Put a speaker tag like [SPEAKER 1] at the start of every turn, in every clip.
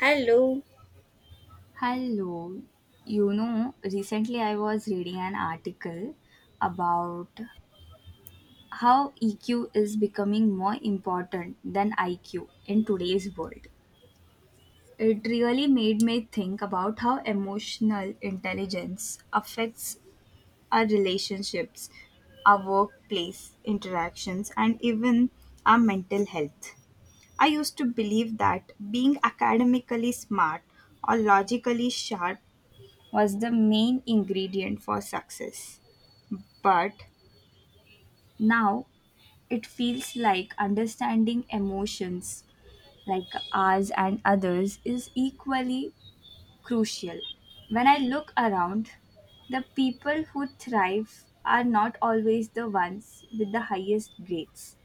[SPEAKER 1] Hello.
[SPEAKER 2] Hello. You know, recently I was reading an article about how EQ is becoming more important than IQ in today's world. It really made me think about how emotional intelligence affects our relationships, our workplace interactions, and even our mental health. I used to believe that being academically smart or logically sharp was the main ingredient for success. But now it feels like understanding emotions like ours and others is equally crucial. When I look around, the people who thrive are not always the ones with the highest grades,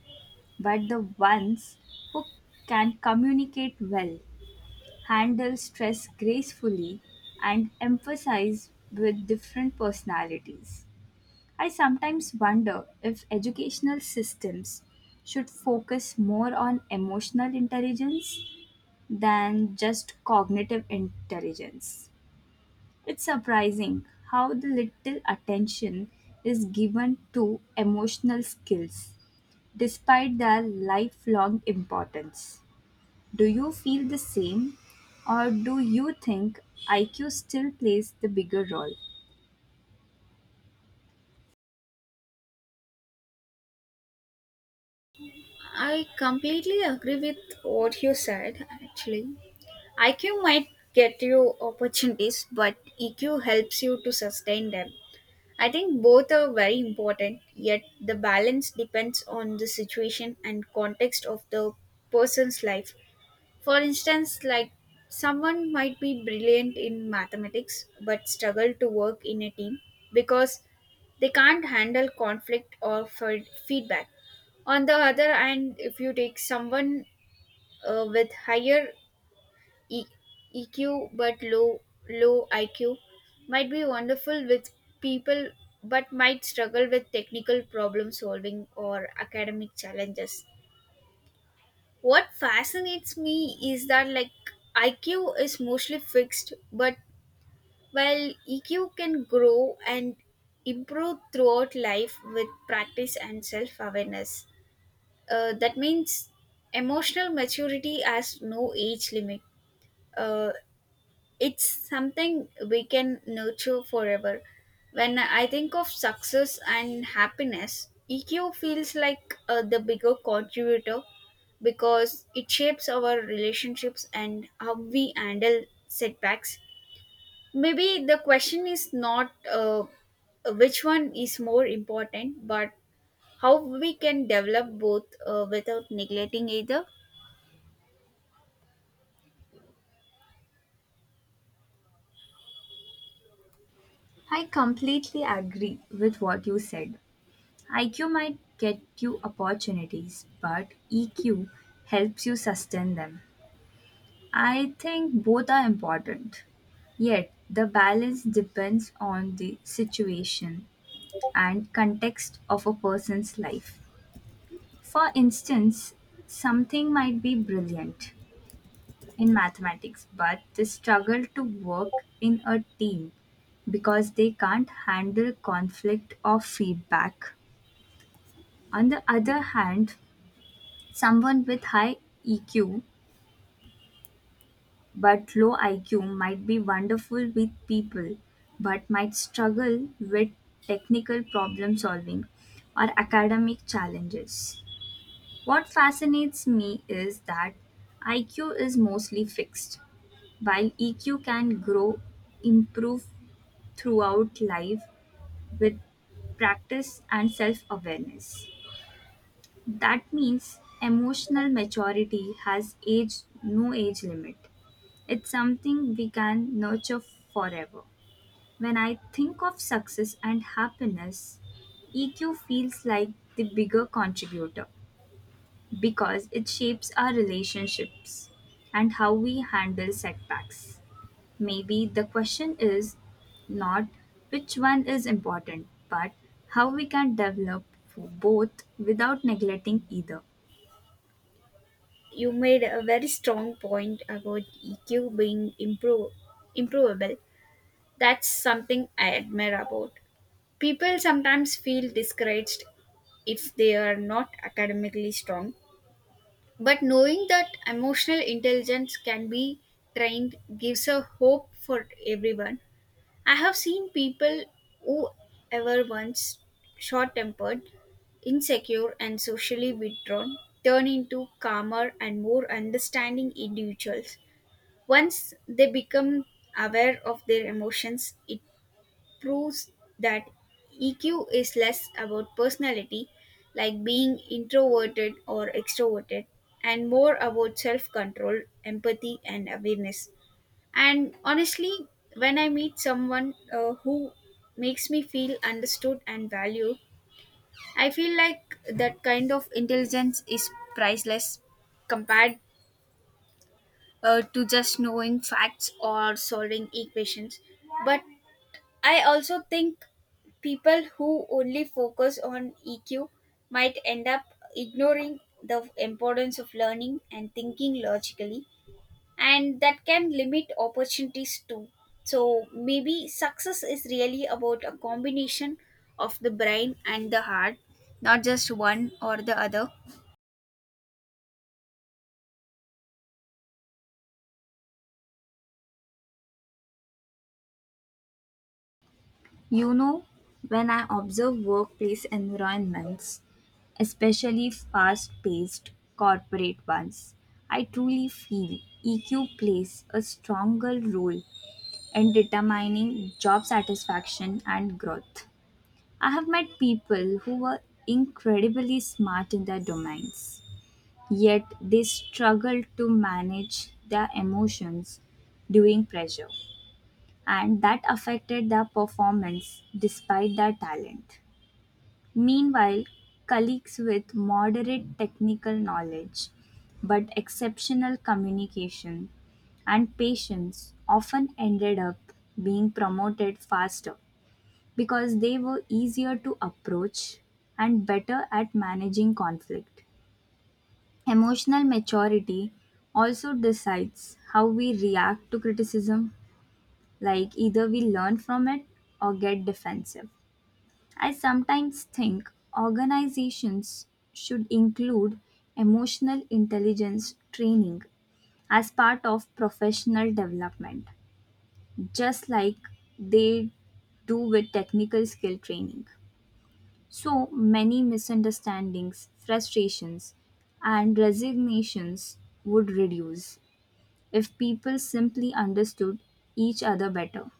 [SPEAKER 2] but the ones who can communicate well, handle stress gracefully, and emphasize with different personalities. I sometimes wonder if educational systems should focus more on emotional intelligence than just cognitive intelligence. It's surprising how the little attention is given to emotional skills despite their lifelong importance. Do you feel the same or do you think IQ still plays the bigger role?
[SPEAKER 1] I completely agree with what you said, actually. IQ might get you opportunities, but EQ helps you to sustain them. I think both are very important, yet, the balance depends on the situation and context of the person's life. For instance, like someone might be brilliant in mathematics but struggle to work in a team because they can't handle conflict or for feedback. On the other hand, if you take someone with higher e- EQ but low IQ, might be wonderful with people but might struggle with technical problem solving or academic challenges. What fascinates me is that, like, IQ is mostly fixed, but while EQ can grow and improve throughout life with practice and self-awareness. That means emotional maturity has no age limit. Uh, it's something we can nurture forever. When I think of success and happiness, EQ feels like the bigger contributor because it shapes our relationships and how we handle setbacks. Maybe the question is not which one is more important, but how we can develop both without neglecting either.
[SPEAKER 2] I completely agree with what you said. IQ might get you opportunities, but EQ helps you sustain them. I think both are important, yet the balance depends on the situation and context of a person's life. For instance, something might be brilliant in mathematics but they struggle to work in a team because they can't handle conflict or feedback. On the other hand, someone with high EQ but low IQ might be wonderful with people but might struggle with technical problem solving or academic challenges. What fascinates me is that IQ is mostly fixed, while EQ can grow, improve throughout life with practice and self awareness. That means emotional maturity has age no age limit. It's something we can nurture forever. When I think of success and happiness, EQ feels like the bigger contributor because it shapes our relationships and how we handle setbacks. Maybe the question is not which one is important, but how we can develop both without neglecting either.
[SPEAKER 1] You made a very strong point about EQ being improvable. That's something I admire about. People sometimes feel discouraged if they are not academically strong, but knowing that emotional intelligence can be trained gives a hope for everyone. I have seen people who ever once short tempered, insecure, and socially withdrawn turn into calmer and more understanding individuals. Once they become aware of their emotions, it proves that EQ is less about personality, like being introverted or extroverted, and more about self control, empathy, and awareness. And honestly, when I meet someone who makes me feel understood and valued, I feel like that kind of intelligence is priceless compared to just knowing facts or solving equations. But I also think people who only focus on EQ might end up ignoring the importance of learning and thinking logically, and that can limit opportunities too. So maybe success is really about a combination of the brain and the heart, not just one or the other.
[SPEAKER 2] You know, when I observe workplace environments, especially fast paced corporate ones, I truly feel EQ plays a stronger role in determining job satisfaction and growth. I have met people who were incredibly smart in their domains, yet they struggled to manage their emotions during pressure, and that affected their performance despite their talent. Meanwhile, colleagues with moderate technical knowledge but exceptional communication and patience often ended up being promoted faster because they were easier to approach and better at managing conflict. Emotional maturity also decides how we react to criticism, like either we learn from it or get defensive. I sometimes think organizations should include emotional intelligence training as part of professional development, just like they do with technical skill training. So many misunderstandings, frustrations, and resignations would reduce if people simply understood each other better.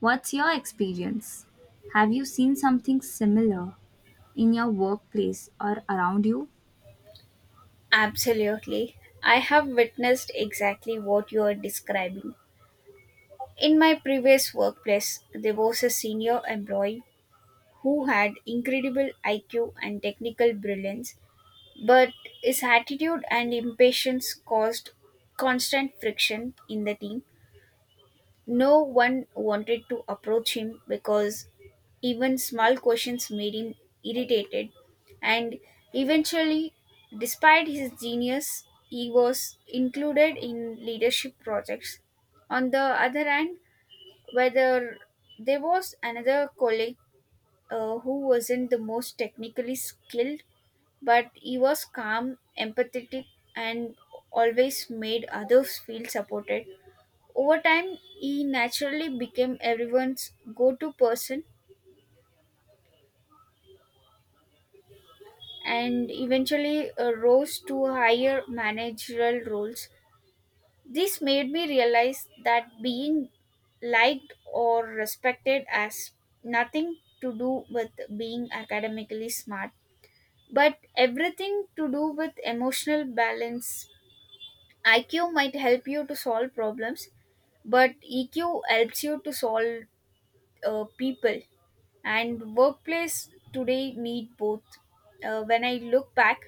[SPEAKER 2] What's your experience? Have you seen something similar in your workplace or around you?
[SPEAKER 1] Absolutely. I have witnessed exactly what you are describing. In my previous workplace, there was a senior employee who had incredible IQ and technical brilliance, but his attitude and impatience caused constant friction in the team. No one wanted to approach him because even small questions made him irritated, and eventually, despite his genius, he was included in leadership projects. On the other hand, whether there was another colleague who wasn't the most technically skilled, but he was calm, empathetic, and always made others feel supported. Over time, he naturally became everyone's go to person and eventually rose to higher managerial roles. This made me realize that being liked or respected has nothing to do with being academically smart, but everything to do with emotional balance. IQ might help you to solve problems, but EQ helps you to solve people, and workplace today need both. When I look back,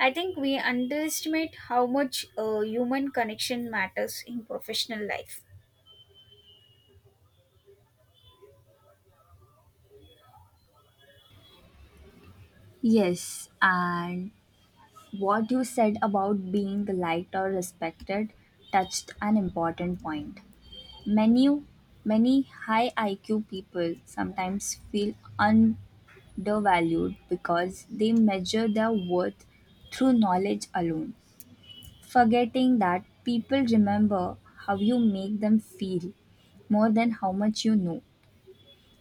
[SPEAKER 1] I think we underestimate how much human connection matters in professional life.
[SPEAKER 2] Yes, and what you said about being liked or respected touched an important point. Many, many high IQ people sometimes feel undervalued because they measure their worth through knowledge alone, forgetting that people remember how you make them feel more than how much you know.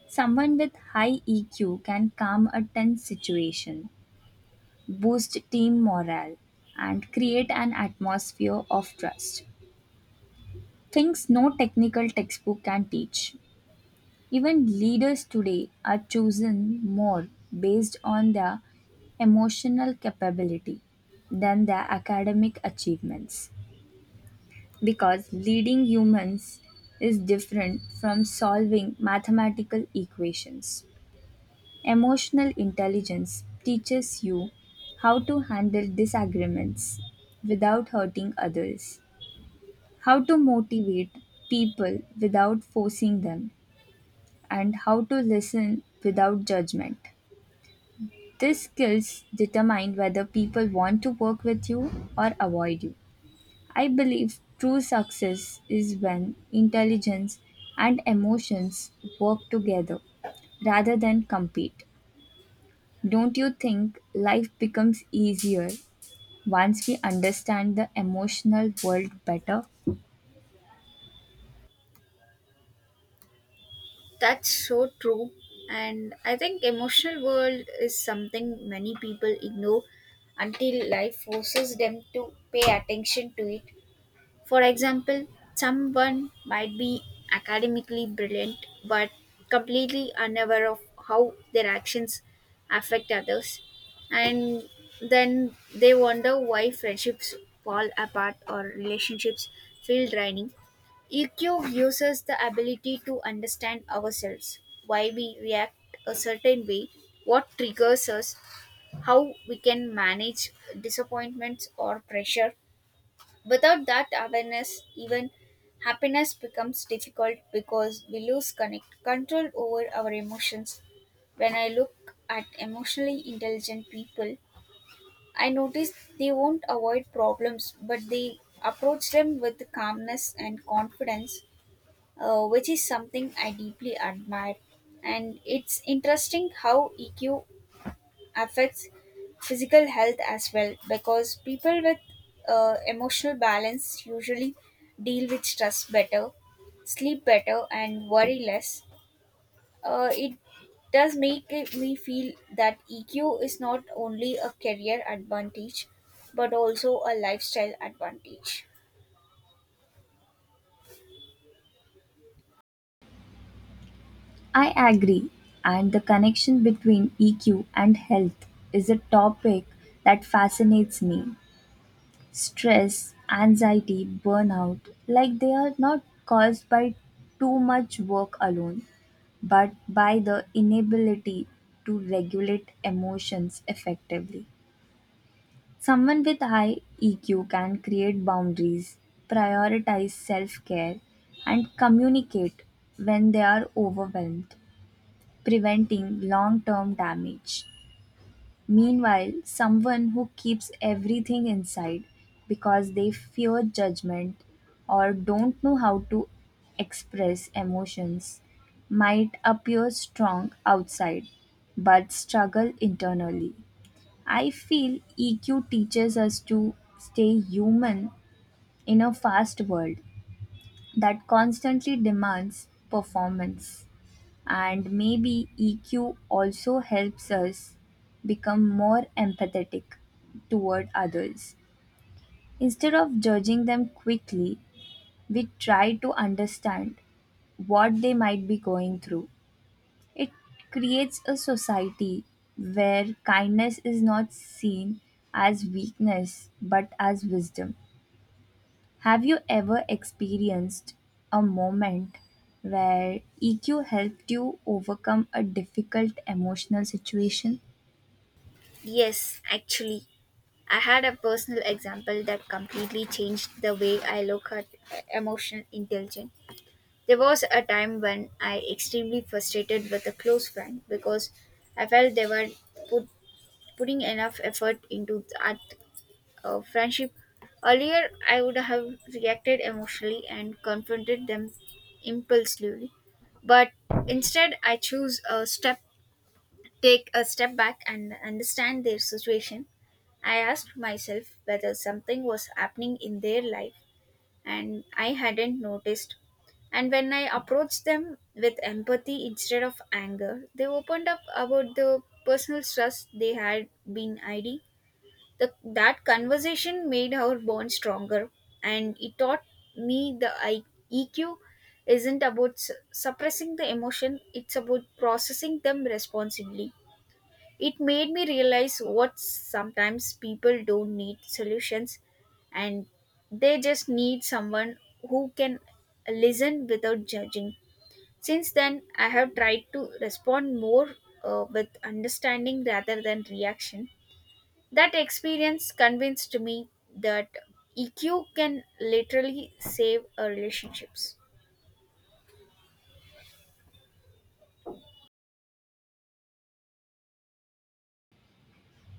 [SPEAKER 2] Someone with high EQ can calm a tense situation, boost team morale, and create an atmosphere of trust. Things no technical textbook can teach. Even leaders today are chosen more based on their emotional capability than their academic achievements, because leading humans is different from solving mathematical equations. Emotional intelligence teaches you how to handle disagreements without hurting others, how to motivate people without forcing them, and how to listen without judgment. These skills determine whether people want to work with you or avoid you. I believe true success is when intelligence and emotions work together rather than compete. Don't you think life becomes easier once we understand the emotional world better?
[SPEAKER 1] That's so true, and I think emotional world is something many people ignore until life forces them to pay attention to it. For example, someone might be academically brilliant but completely unaware of how their actions affect others, and then they wonder why friendships fall apart or relationships feel draining. EQ gives us the ability to understand ourselves, why we react a certain way, what triggers us, how we can manage disappointments or pressure. Without that awareness, even happiness becomes difficult because we lose connect control over our emotions. When I look at emotionally intelligent people, I notice they won't avoid problems, but they approach them with calmness and confidence, which is something I deeply admire. And it's interesting how EQ affects physical health as well, because people with emotional balance usually deal with stress better, sleep better, and worry less. It does me feel that EQ is not only a career advantage but also a lifestyle advantage.
[SPEAKER 2] I agree, and the connection between EQ and health is a topic that fascinates me. Stress, anxiety, burnout, like they are not caused by too much work alone, but by the inability to regulate emotions effectively. Someone with high EQ can create boundaries, prioritize self care, and communicate when they are overwhelmed, preventing long term damage. Meanwhile, someone who keeps everything inside because they fear judgment or don't know how to express emotions might appear strong outside but struggle internally. I feel EQ teaches us to stay human in a fast world that constantly demands performance. And maybe EQ also helps us become more empathetic toward others. Instead of judging them quickly, we try to understand what they might be going through. It creates a society where kindness is not seen as weakness but as wisdom. Have you ever experienced a moment where EQ helped you overcome a difficult emotional situation?
[SPEAKER 1] Yes, actually, I had a personal example that completely changed the way I look at emotional intelligence. There was a time when I extremely frustrated with a close friend because I felt they were put, putting enough effort into that friendship. Earlier, I would have reacted emotionally and confronted them impulsively, but instead, I choose a step, take a step back, and understand their situation. I asked myself whether something was happening in their life and I hadn't noticed. And when I approached them with empathy instead of anger, they opened up about the personal stress they had been hiding. That conversation made our bond stronger, and it taught me EQ isn't about suppressing the emotion, it's about processing them responsibly. It made me realize what sometimes people don't need solutions, and they just need someone who can listen without judging. Since then, I have tried to respond more with understanding rather than reaction. That experience convinced me that EQ can literally save relationships.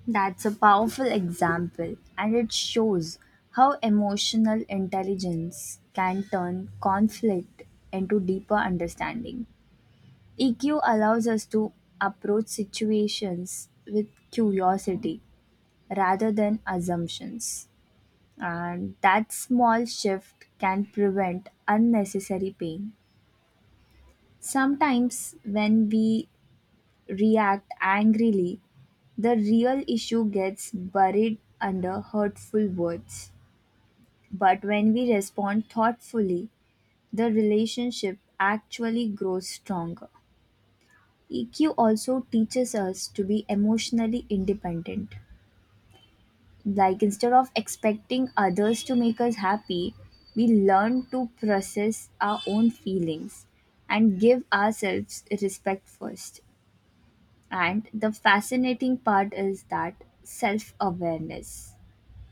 [SPEAKER 2] That's a powerful example, and it shows how emotional intelligence can turn conflict into deeper understanding. EQ allows us to approach situations with curiosity rather than assumptions, and that small shift can prevent unnecessary pain. Sometimes, when we react angrily, the real issue gets buried under hurtful words. But when we respond thoughtfully, the relationship actually grows stronger. EQ also teaches us to be emotionally independent. Like, instead of expecting others to make us happy, we learn to process our own feelings and give ourselves respect first. And the fascinating part is that self awareness,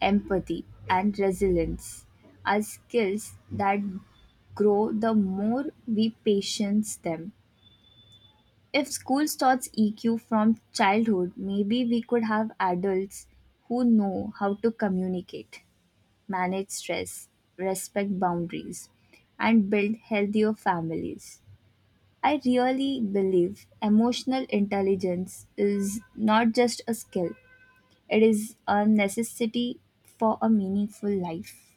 [SPEAKER 2] empathy, and resilience are skills that grow the more we patience them. If school starts EQ from childhood, maybe we could have adults who know how to communicate, manage stress, respect boundaries, and build healthier families. I really believe emotional intelligence is not just a skill, it is a necessity for a meaningful life.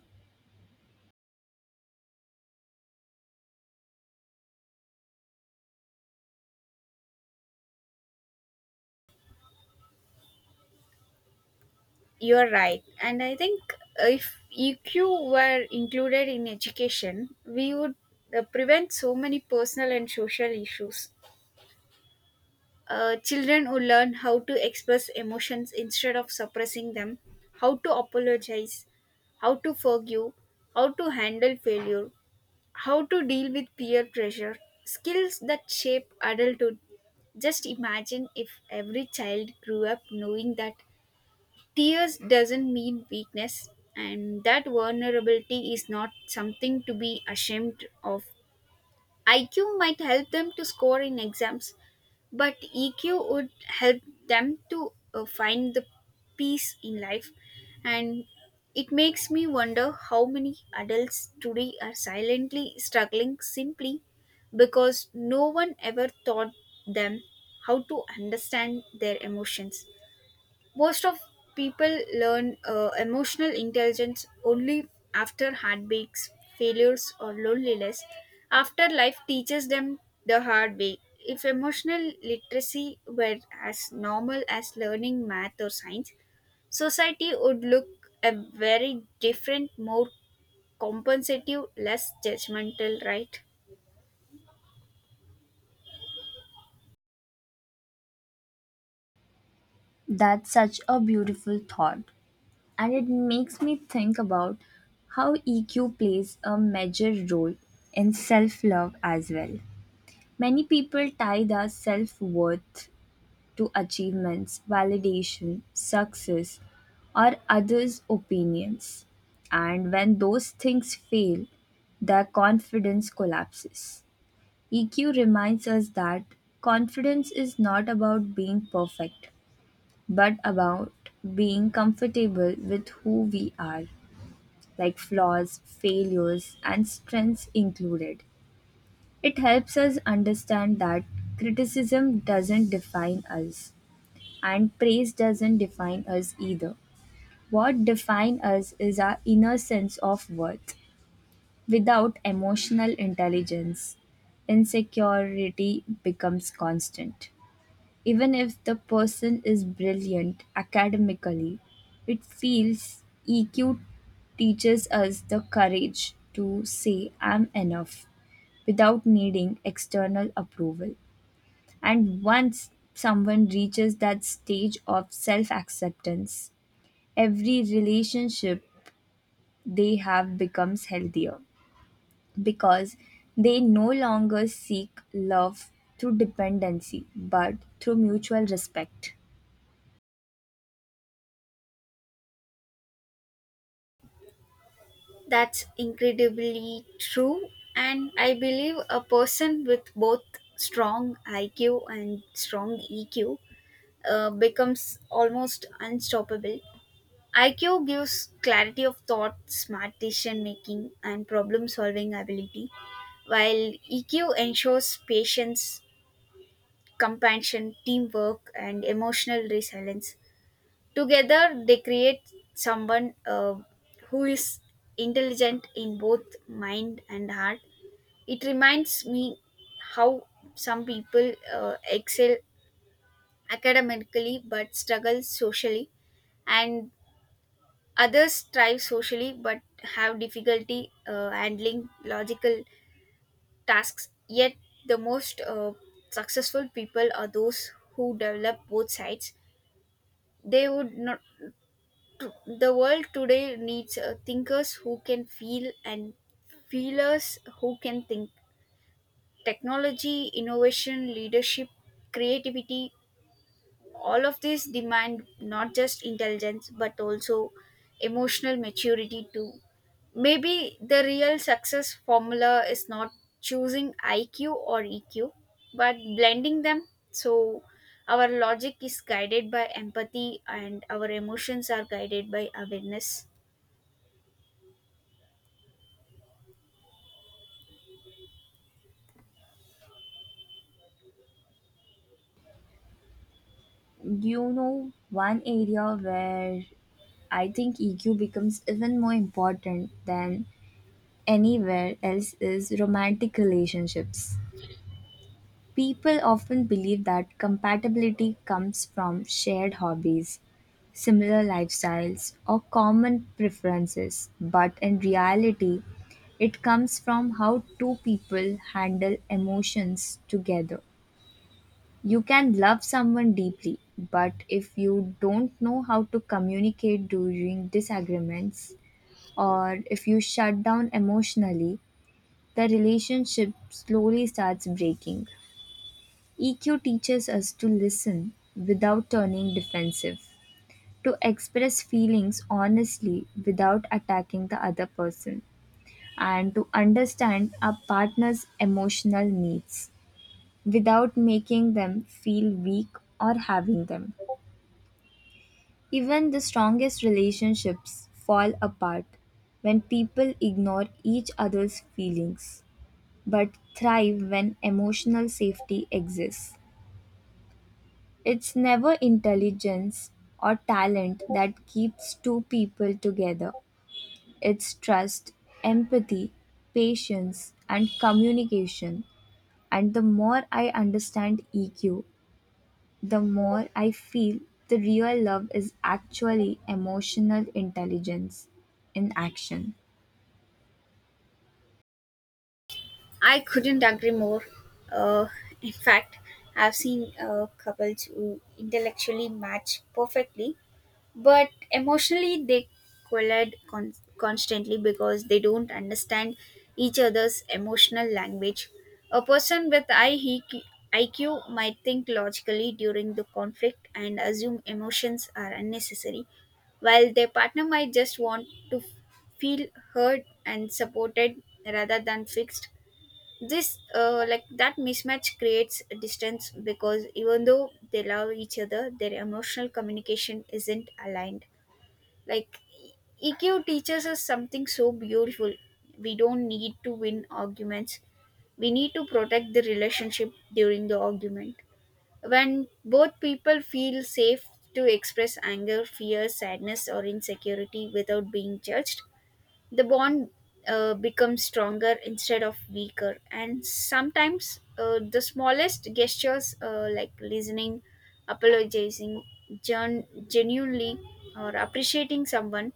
[SPEAKER 1] You're right. And I think if EQ were included in education, we would prevent so many personal and social issues. Children would learn how to express emotions instead of suppressing them, how to apologize, how to forgive, how to handle failure, how to deal with peer pressure, skills that shape adulthood. Just imagine if every child grew up knowing that tears doesn't mean weakness, and that vulnerability is not something to be ashamed of. IQ might help them to score in exams, but EQ would help them to find the peace in life. And it makes me wonder how many adults today are silently struggling simply because no one ever taught them how to understand their emotions. Most of people learn emotional intelligence only after heartbreaks, failures, or loneliness, after life teaches them the hard way. If emotional literacy were as normal as learning math or science, society would look a very different, more compensative, less judgmental, right?
[SPEAKER 2] That's such a beautiful thought, and it makes me think about how EQ plays a major role in self love as well. Many people tie their self worth to achievements, validation, success, or others' opinions. And when those things fail, their confidence collapses. EQ reminds us that confidence is not about being perfect, but about being comfortable with who we are, like flaws, failures, and strengths included. It helps us understand that criticism doesn't define us. And praise doesn't define us either. What defines us is our inner sense of worth. Without emotional intelligence, insecurity becomes constant. Even if the person is brilliant academically, it feels EQ teaches us the courage to say, I'm enough, without needing external approval. And once someone reaches that stage of self acceptance, every relationship they have becomes healthier because they no longer seek love through dependency but through mutual respect.
[SPEAKER 1] That's incredibly true, and I believe a person with both strong IQ and strong EQ becomes almost unstoppable. IQ gives clarity of thought, smart decision making, and problem solving ability, while EQ ensures patience, compassion, teamwork, and emotional resilience. Together, they create someone who is intelligent in both mind and heart. It reminds me how some people excel academically but struggle socially, and others thrive socially but have difficulty handling logical tasks. Yet, the most successful people are those who develop both sides. They would not The world today needs thinkers who can feel and feelers who can think. Technology, innovation, leadership, creativity, all of this demand not just intelligence but also emotional maturity too. Maybe the real success formula is not choosing IQ or EQ but blending them, so our logic is guided by empathy and our emotions are guided by awareness.
[SPEAKER 2] You know, one area where I think EQ becomes even more important than anywhere else is romantic relationships. People often believe that compatibility comes from shared hobbies, similar lifestyles, or common preferences, but in reality, it comes from how two people handle emotions together. You can love someone deeply, but if you don't know how to communicate during disagreements, or if you shut down emotionally, the relationship slowly starts breaking. EQ teaches us to listen without turning defensive, to express feelings honestly without attacking the other person, and to understand our partner's emotional needs without making them feel weak or having them. Even the strongest relationships fall apart when people ignore each other's feelings, but thrive when emotional safety exists. It's never intelligence or talent that keeps two people together. It's trust, empathy, patience, and communication. And the more I understand EQ, the more I feel the real love is actually emotional intelligence in action.
[SPEAKER 1] I couldn't agree more. Uh, in fact, I've seen couples who intellectually match perfectly, but emotionally they constantly because they don't understand each other's emotional language. A person with high IQ IQ might think logically during the conflict and assume emotions are unnecessary, while their partner might just want to feel heard and supported rather than fixed. This Like, that mismatch creates a distance, because even though they love each other, their emotional communication isn't aligned. Like, EQ teaches us something so beautiful: we don't need to win arguments, we need to protect the relationship during the argument. When both people feel safe to express anger, fear, sadness or insecurity without being judged, the bond becomes stronger instead of weaker. And sometimes the smallest gestures, like listening, apologizing genuinely, or appreciating someone,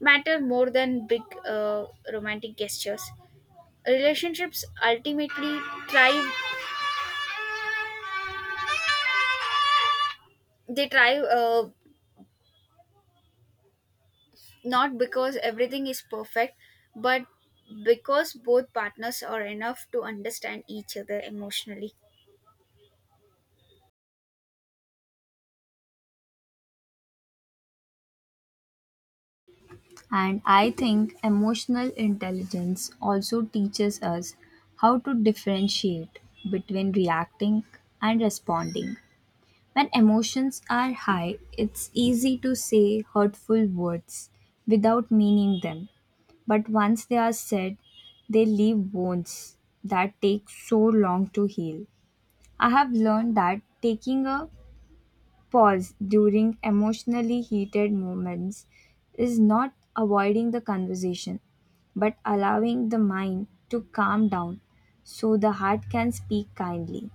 [SPEAKER 1] matter more than big romantic gestures. Relationships ultimately thrive thrive not because everything is perfect, but because both partners are enough to understand each other emotionally.
[SPEAKER 2] And I think emotional intelligence also teaches us how to differentiate between reacting and responding. When emotions are high, it's easy to say hurtful words without meaning them. But once they are said, they leave wounds that take so long to heal. I have learned that taking a pause during emotionally heated moments is not avoiding the conversation, but allowing the mind to calm down so the heart can speak kindly.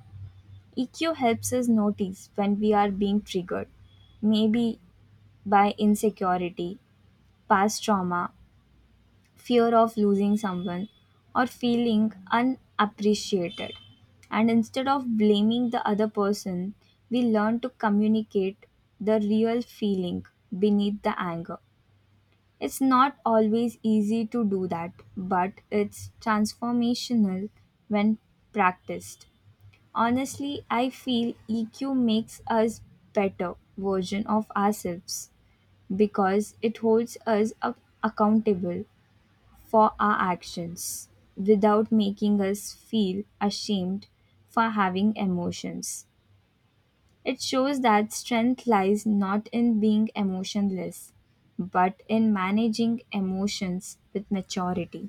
[SPEAKER 2] EQ helps us notice when we are being triggered, maybe by insecurity, past trauma, fear of losing someone, or feeling unappreciated. And instead of blaming the other person, we learn to communicate the real feeling beneath the anger. It's not always easy to do that, but it's transformational when practiced. Honestly, I feel EQ makes us better version of ourselves because it holds us accountable for our actions without making us feel ashamed for having emotions. It shows that strength lies not in being emotionless but in managing emotions with maturity.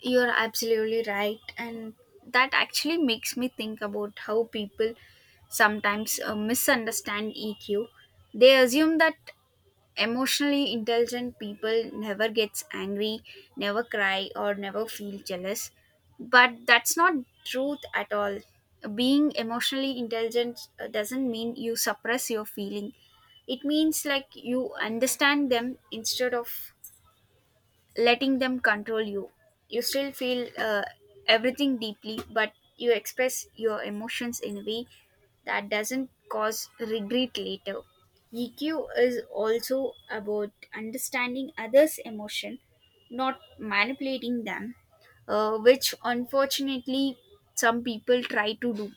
[SPEAKER 1] You're absolutely right. And that actually makes me think about how people sometimes misunderstand EQ. They assume that emotionally intelligent people never gets angry, never cry or never feel jealous. But that's not truth at all. Being emotionally intelligent doesn't mean you suppress your feeling. It means, like, you understand them instead of letting them control you. You still feel everything deeply, but you express your emotions in a way that doesn't cause regret later. EQ is also about understanding others' emotion, not manipulating them, which unfortunately some people try to do.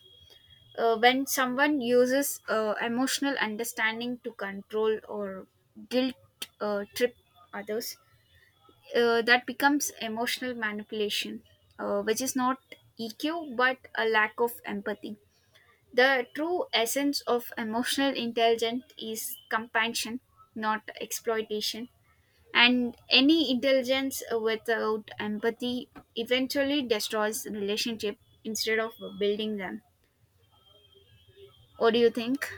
[SPEAKER 1] When someone uses emotional understanding to control or guilt trip others, that becomes emotional manipulation, which is not EQ but a lack of empathy. The true essence of emotional intelligence is compassion, not exploitation. And any intelligence without empathy eventually destroys relationship instead of building them. What do you think?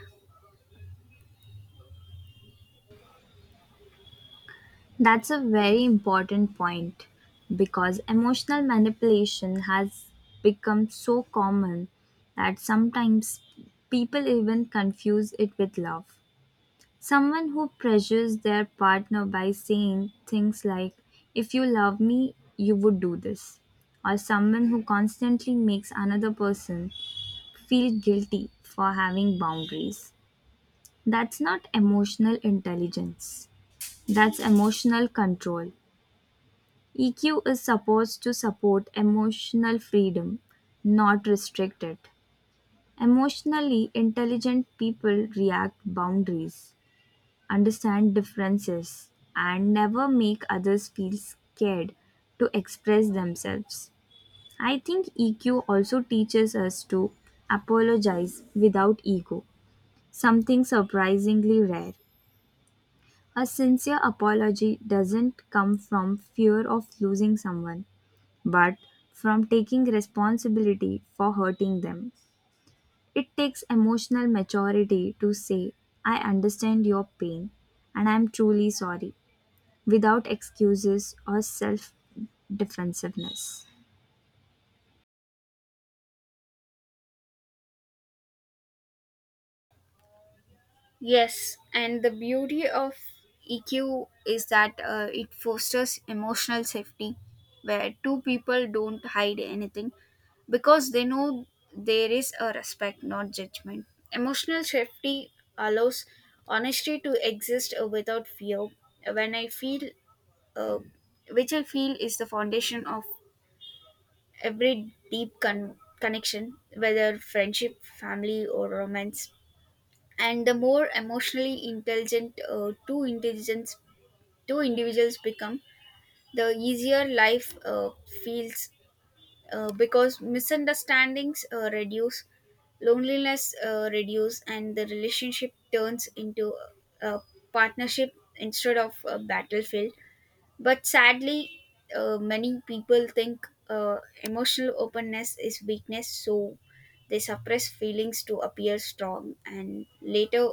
[SPEAKER 2] That's a very important point because emotional manipulation has become so common that sometimes people even confuse it with love. Someone who pressures their partner by saying things like, if you love me, you would do this. Or someone who constantly makes another person feel guilty for having boundaries. That's not emotional intelligence, that's emotional control. EQ is supposed to support emotional freedom, not restrict it. Emotionally intelligent people react boundaries, understand differences, and never make others feel scared to express themselves. I think EQ also teaches us to apologize without ego, something surprisingly rare. A sincere apology doesn't come from fear of losing someone but from taking responsibility for hurting them. It takes emotional maturity to say, I understand your pain and I am truly sorry, without excuses or self defensiveness.
[SPEAKER 1] Yes, and the beauty of EQ is that it fosters emotional safety, where two people don't hide anything because they know there is a respect, not judgment. Emotional safety allows honesty to exist without fear. When I feel, uh, which I feel is the foundation of every deep connection, whether friendship, family, or romance. And the more emotionally intelligent, two individuals become, the easier life feels, because misunderstandings reduce, loneliness reduce, and the relationship turns into a partnership instead of a battlefield. But sadly, many people think emotional openness is weakness, so they suppress feelings to appear strong and later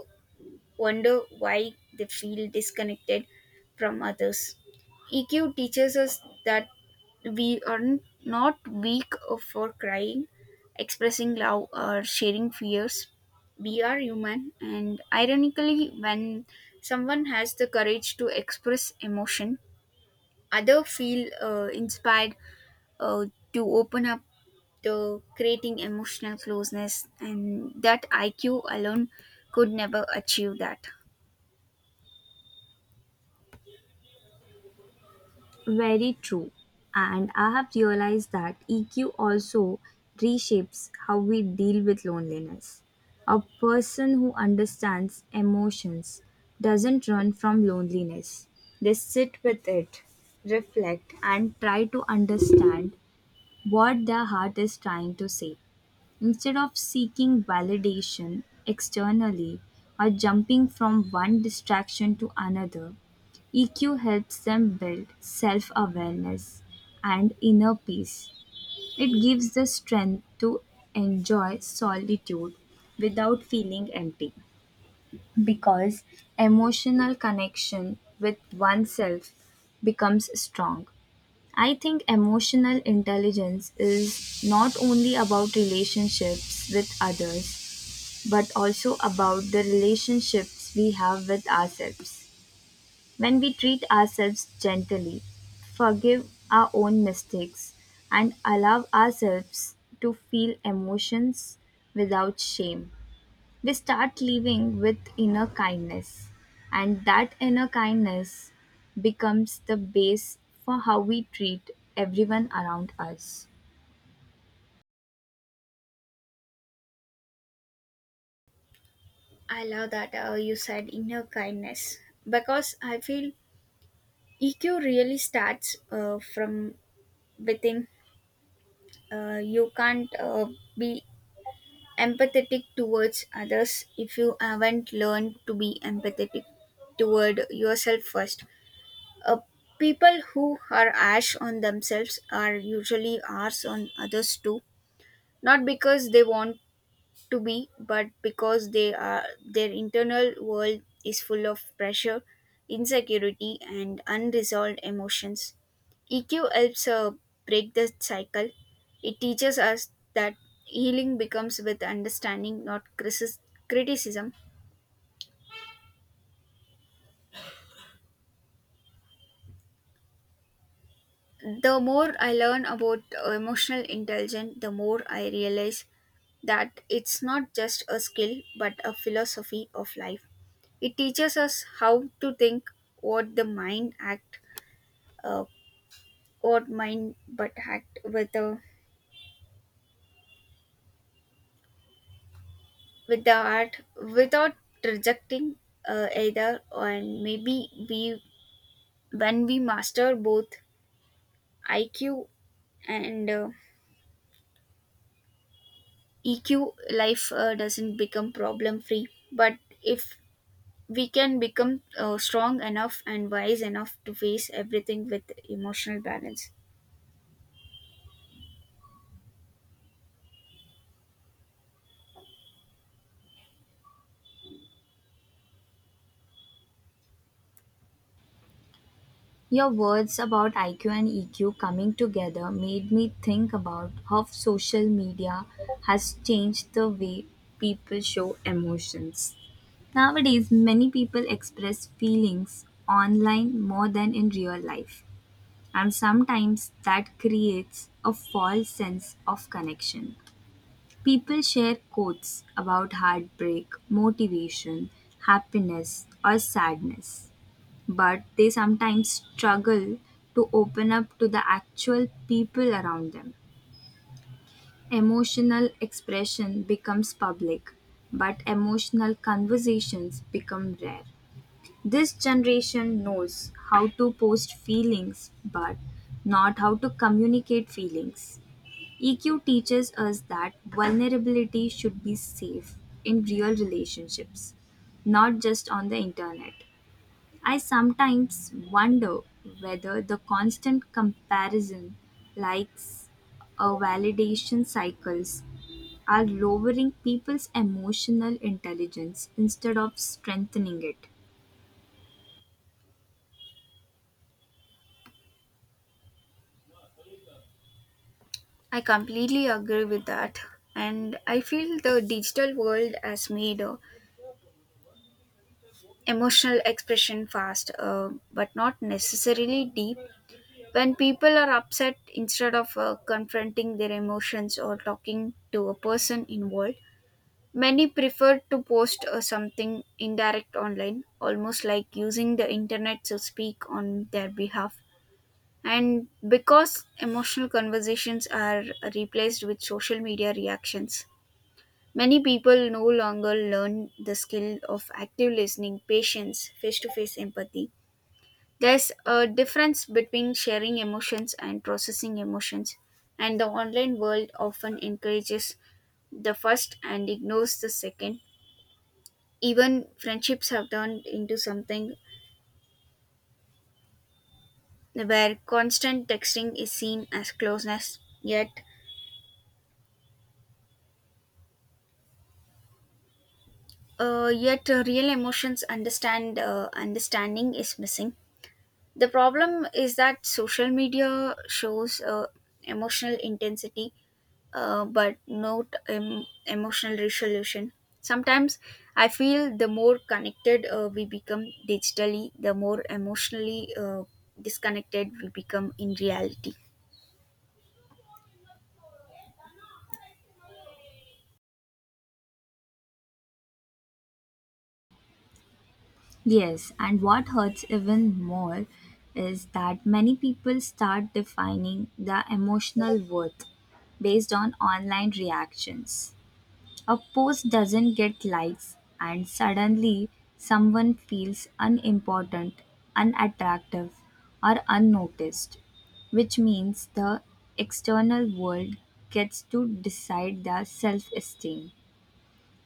[SPEAKER 1] wonder why they feel disconnected from others. EQ teaches us that we are not weak for crying, expressing love, or sharing fears. We are human, and ironically, when someone has the courage to express emotion, others feel inspired uh, to open up, to creating emotional closeness, and that IQ alone could never achieve that.
[SPEAKER 2] Very true. And I have realized that EQ also reshapes how we deal with loneliness. A person who understands emotions doesn't run from loneliness, they sit with it, reflect, and try to understand what their heart is trying to say. Instead of seeking validation externally or jumping from one distraction to another, EQ helps them build self awareness and inner peace. It gives the strength to enjoy solitude without feeling empty because emotional connection with oneself becomes strong. I think emotional intelligence is not only about relationships with others, but also about the relationships we have with ourselves. When we treat ourselves gently, forgive our own mistakes, and allow ourselves to feel emotions without shame, we start living with inner kindness. And that inner kindness becomes the base for how we treat everyone around us.
[SPEAKER 1] I love that you said inner kindness, because I feel EQ really starts from within. You can't be empathetic towards others if you haven't learned to be empathetic toward yourself first. Uh, people who are harsh on themselves are usually harsh on others too, not because they want to be, but because they are their internal world is full of pressure, insecurity, and unresolved emotions. EQ helps break the cycle. It teaches us that healing becomes with understanding, not criticism. The more I learn about emotional intelligence, the more I realize that it's not just a skill but a philosophy of life. It teaches us how to think, what the mind act, uh, what mind but act with the art without rejecting either. And maybe we when we master both IQ and EQ, life doesn't become problem free. But if we can become strong enough and wise enough to face everything with emotional balance.
[SPEAKER 2] Your words about IQ and EQ coming together made me think about how social media has changed the way people show emotions. Nowadays, many people express feelings online more than in real life, and sometimes that creates a false sense of connection. People share quotes about heartbreak, motivation, happiness, or sadness, but they sometimes struggle to open up to the actual people around them. Emotional expression becomes public, but emotional conversations become rare. This generation knows how to post feelings, but not how to communicate feelings. EQ teaches us that vulnerability should be safe in real relationships, not just on the internet. I sometimes wonder whether the constant comparison, likes, a validation cycles are lowering people's emotional intelligence instead of strengthening it.
[SPEAKER 1] I completely agree with that. And I feel the digital world has made emotional expression fast, but not necessarily deep. When people are upset, instead of confronting their emotions or talking to a person involved, many prefer to post something indirect online, almost like using the internet to speak on their behalf. And because emotional conversations are replaced with social media reactions, many people no longer learn the skill of active listening, patience, face to face empathy. There's a difference between sharing emotions and processing emotions, and the online world often encourages the first and ignores the second. Even friendships have turned into something where constant texting is seen as closeness, yet real emotions understand understanding is missing. The problem is that social media shows emotional intensity but not emotional resolution. Sometimes I feel the more connected we become digitally, the more emotionally disconnected we become in reality.
[SPEAKER 2] Yes, and what hurts even more is that many people start defining their emotional worth based on online reactions. A post doesn't get likes, and suddenly someone feels unimportant, unattractive, or unnoticed, which means the external world gets to decide their self esteem.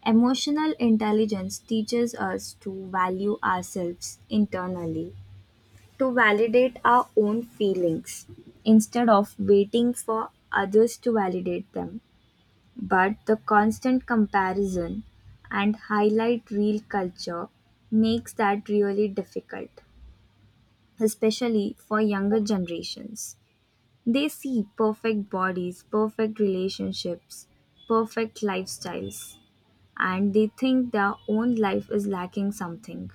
[SPEAKER 2] Emotional intelligence teaches us to value ourselves internally, to validate our own feelings instead of waiting for others to validate them. But the constant comparison and highlight reel culture makes that really difficult, especially for younger generations. They see perfect bodies, perfect relationships, perfect lifestyles, and they think their own life is lacking something.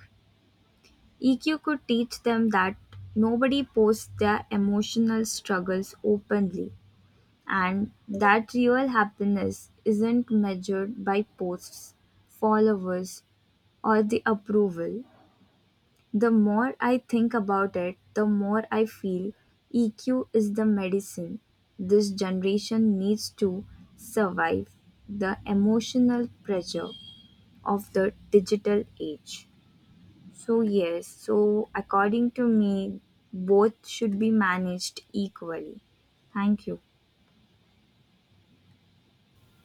[SPEAKER 2] EQ could teach them that nobody posts their emotional struggles openly and that real happiness isn't measured by posts, followers, or the approval. The more I think about it, the more I feel EQ is the medicine this generation needs to survive the emotional pressure of the digital age. So, yes, so according to me, both should be managed equally. Thank you.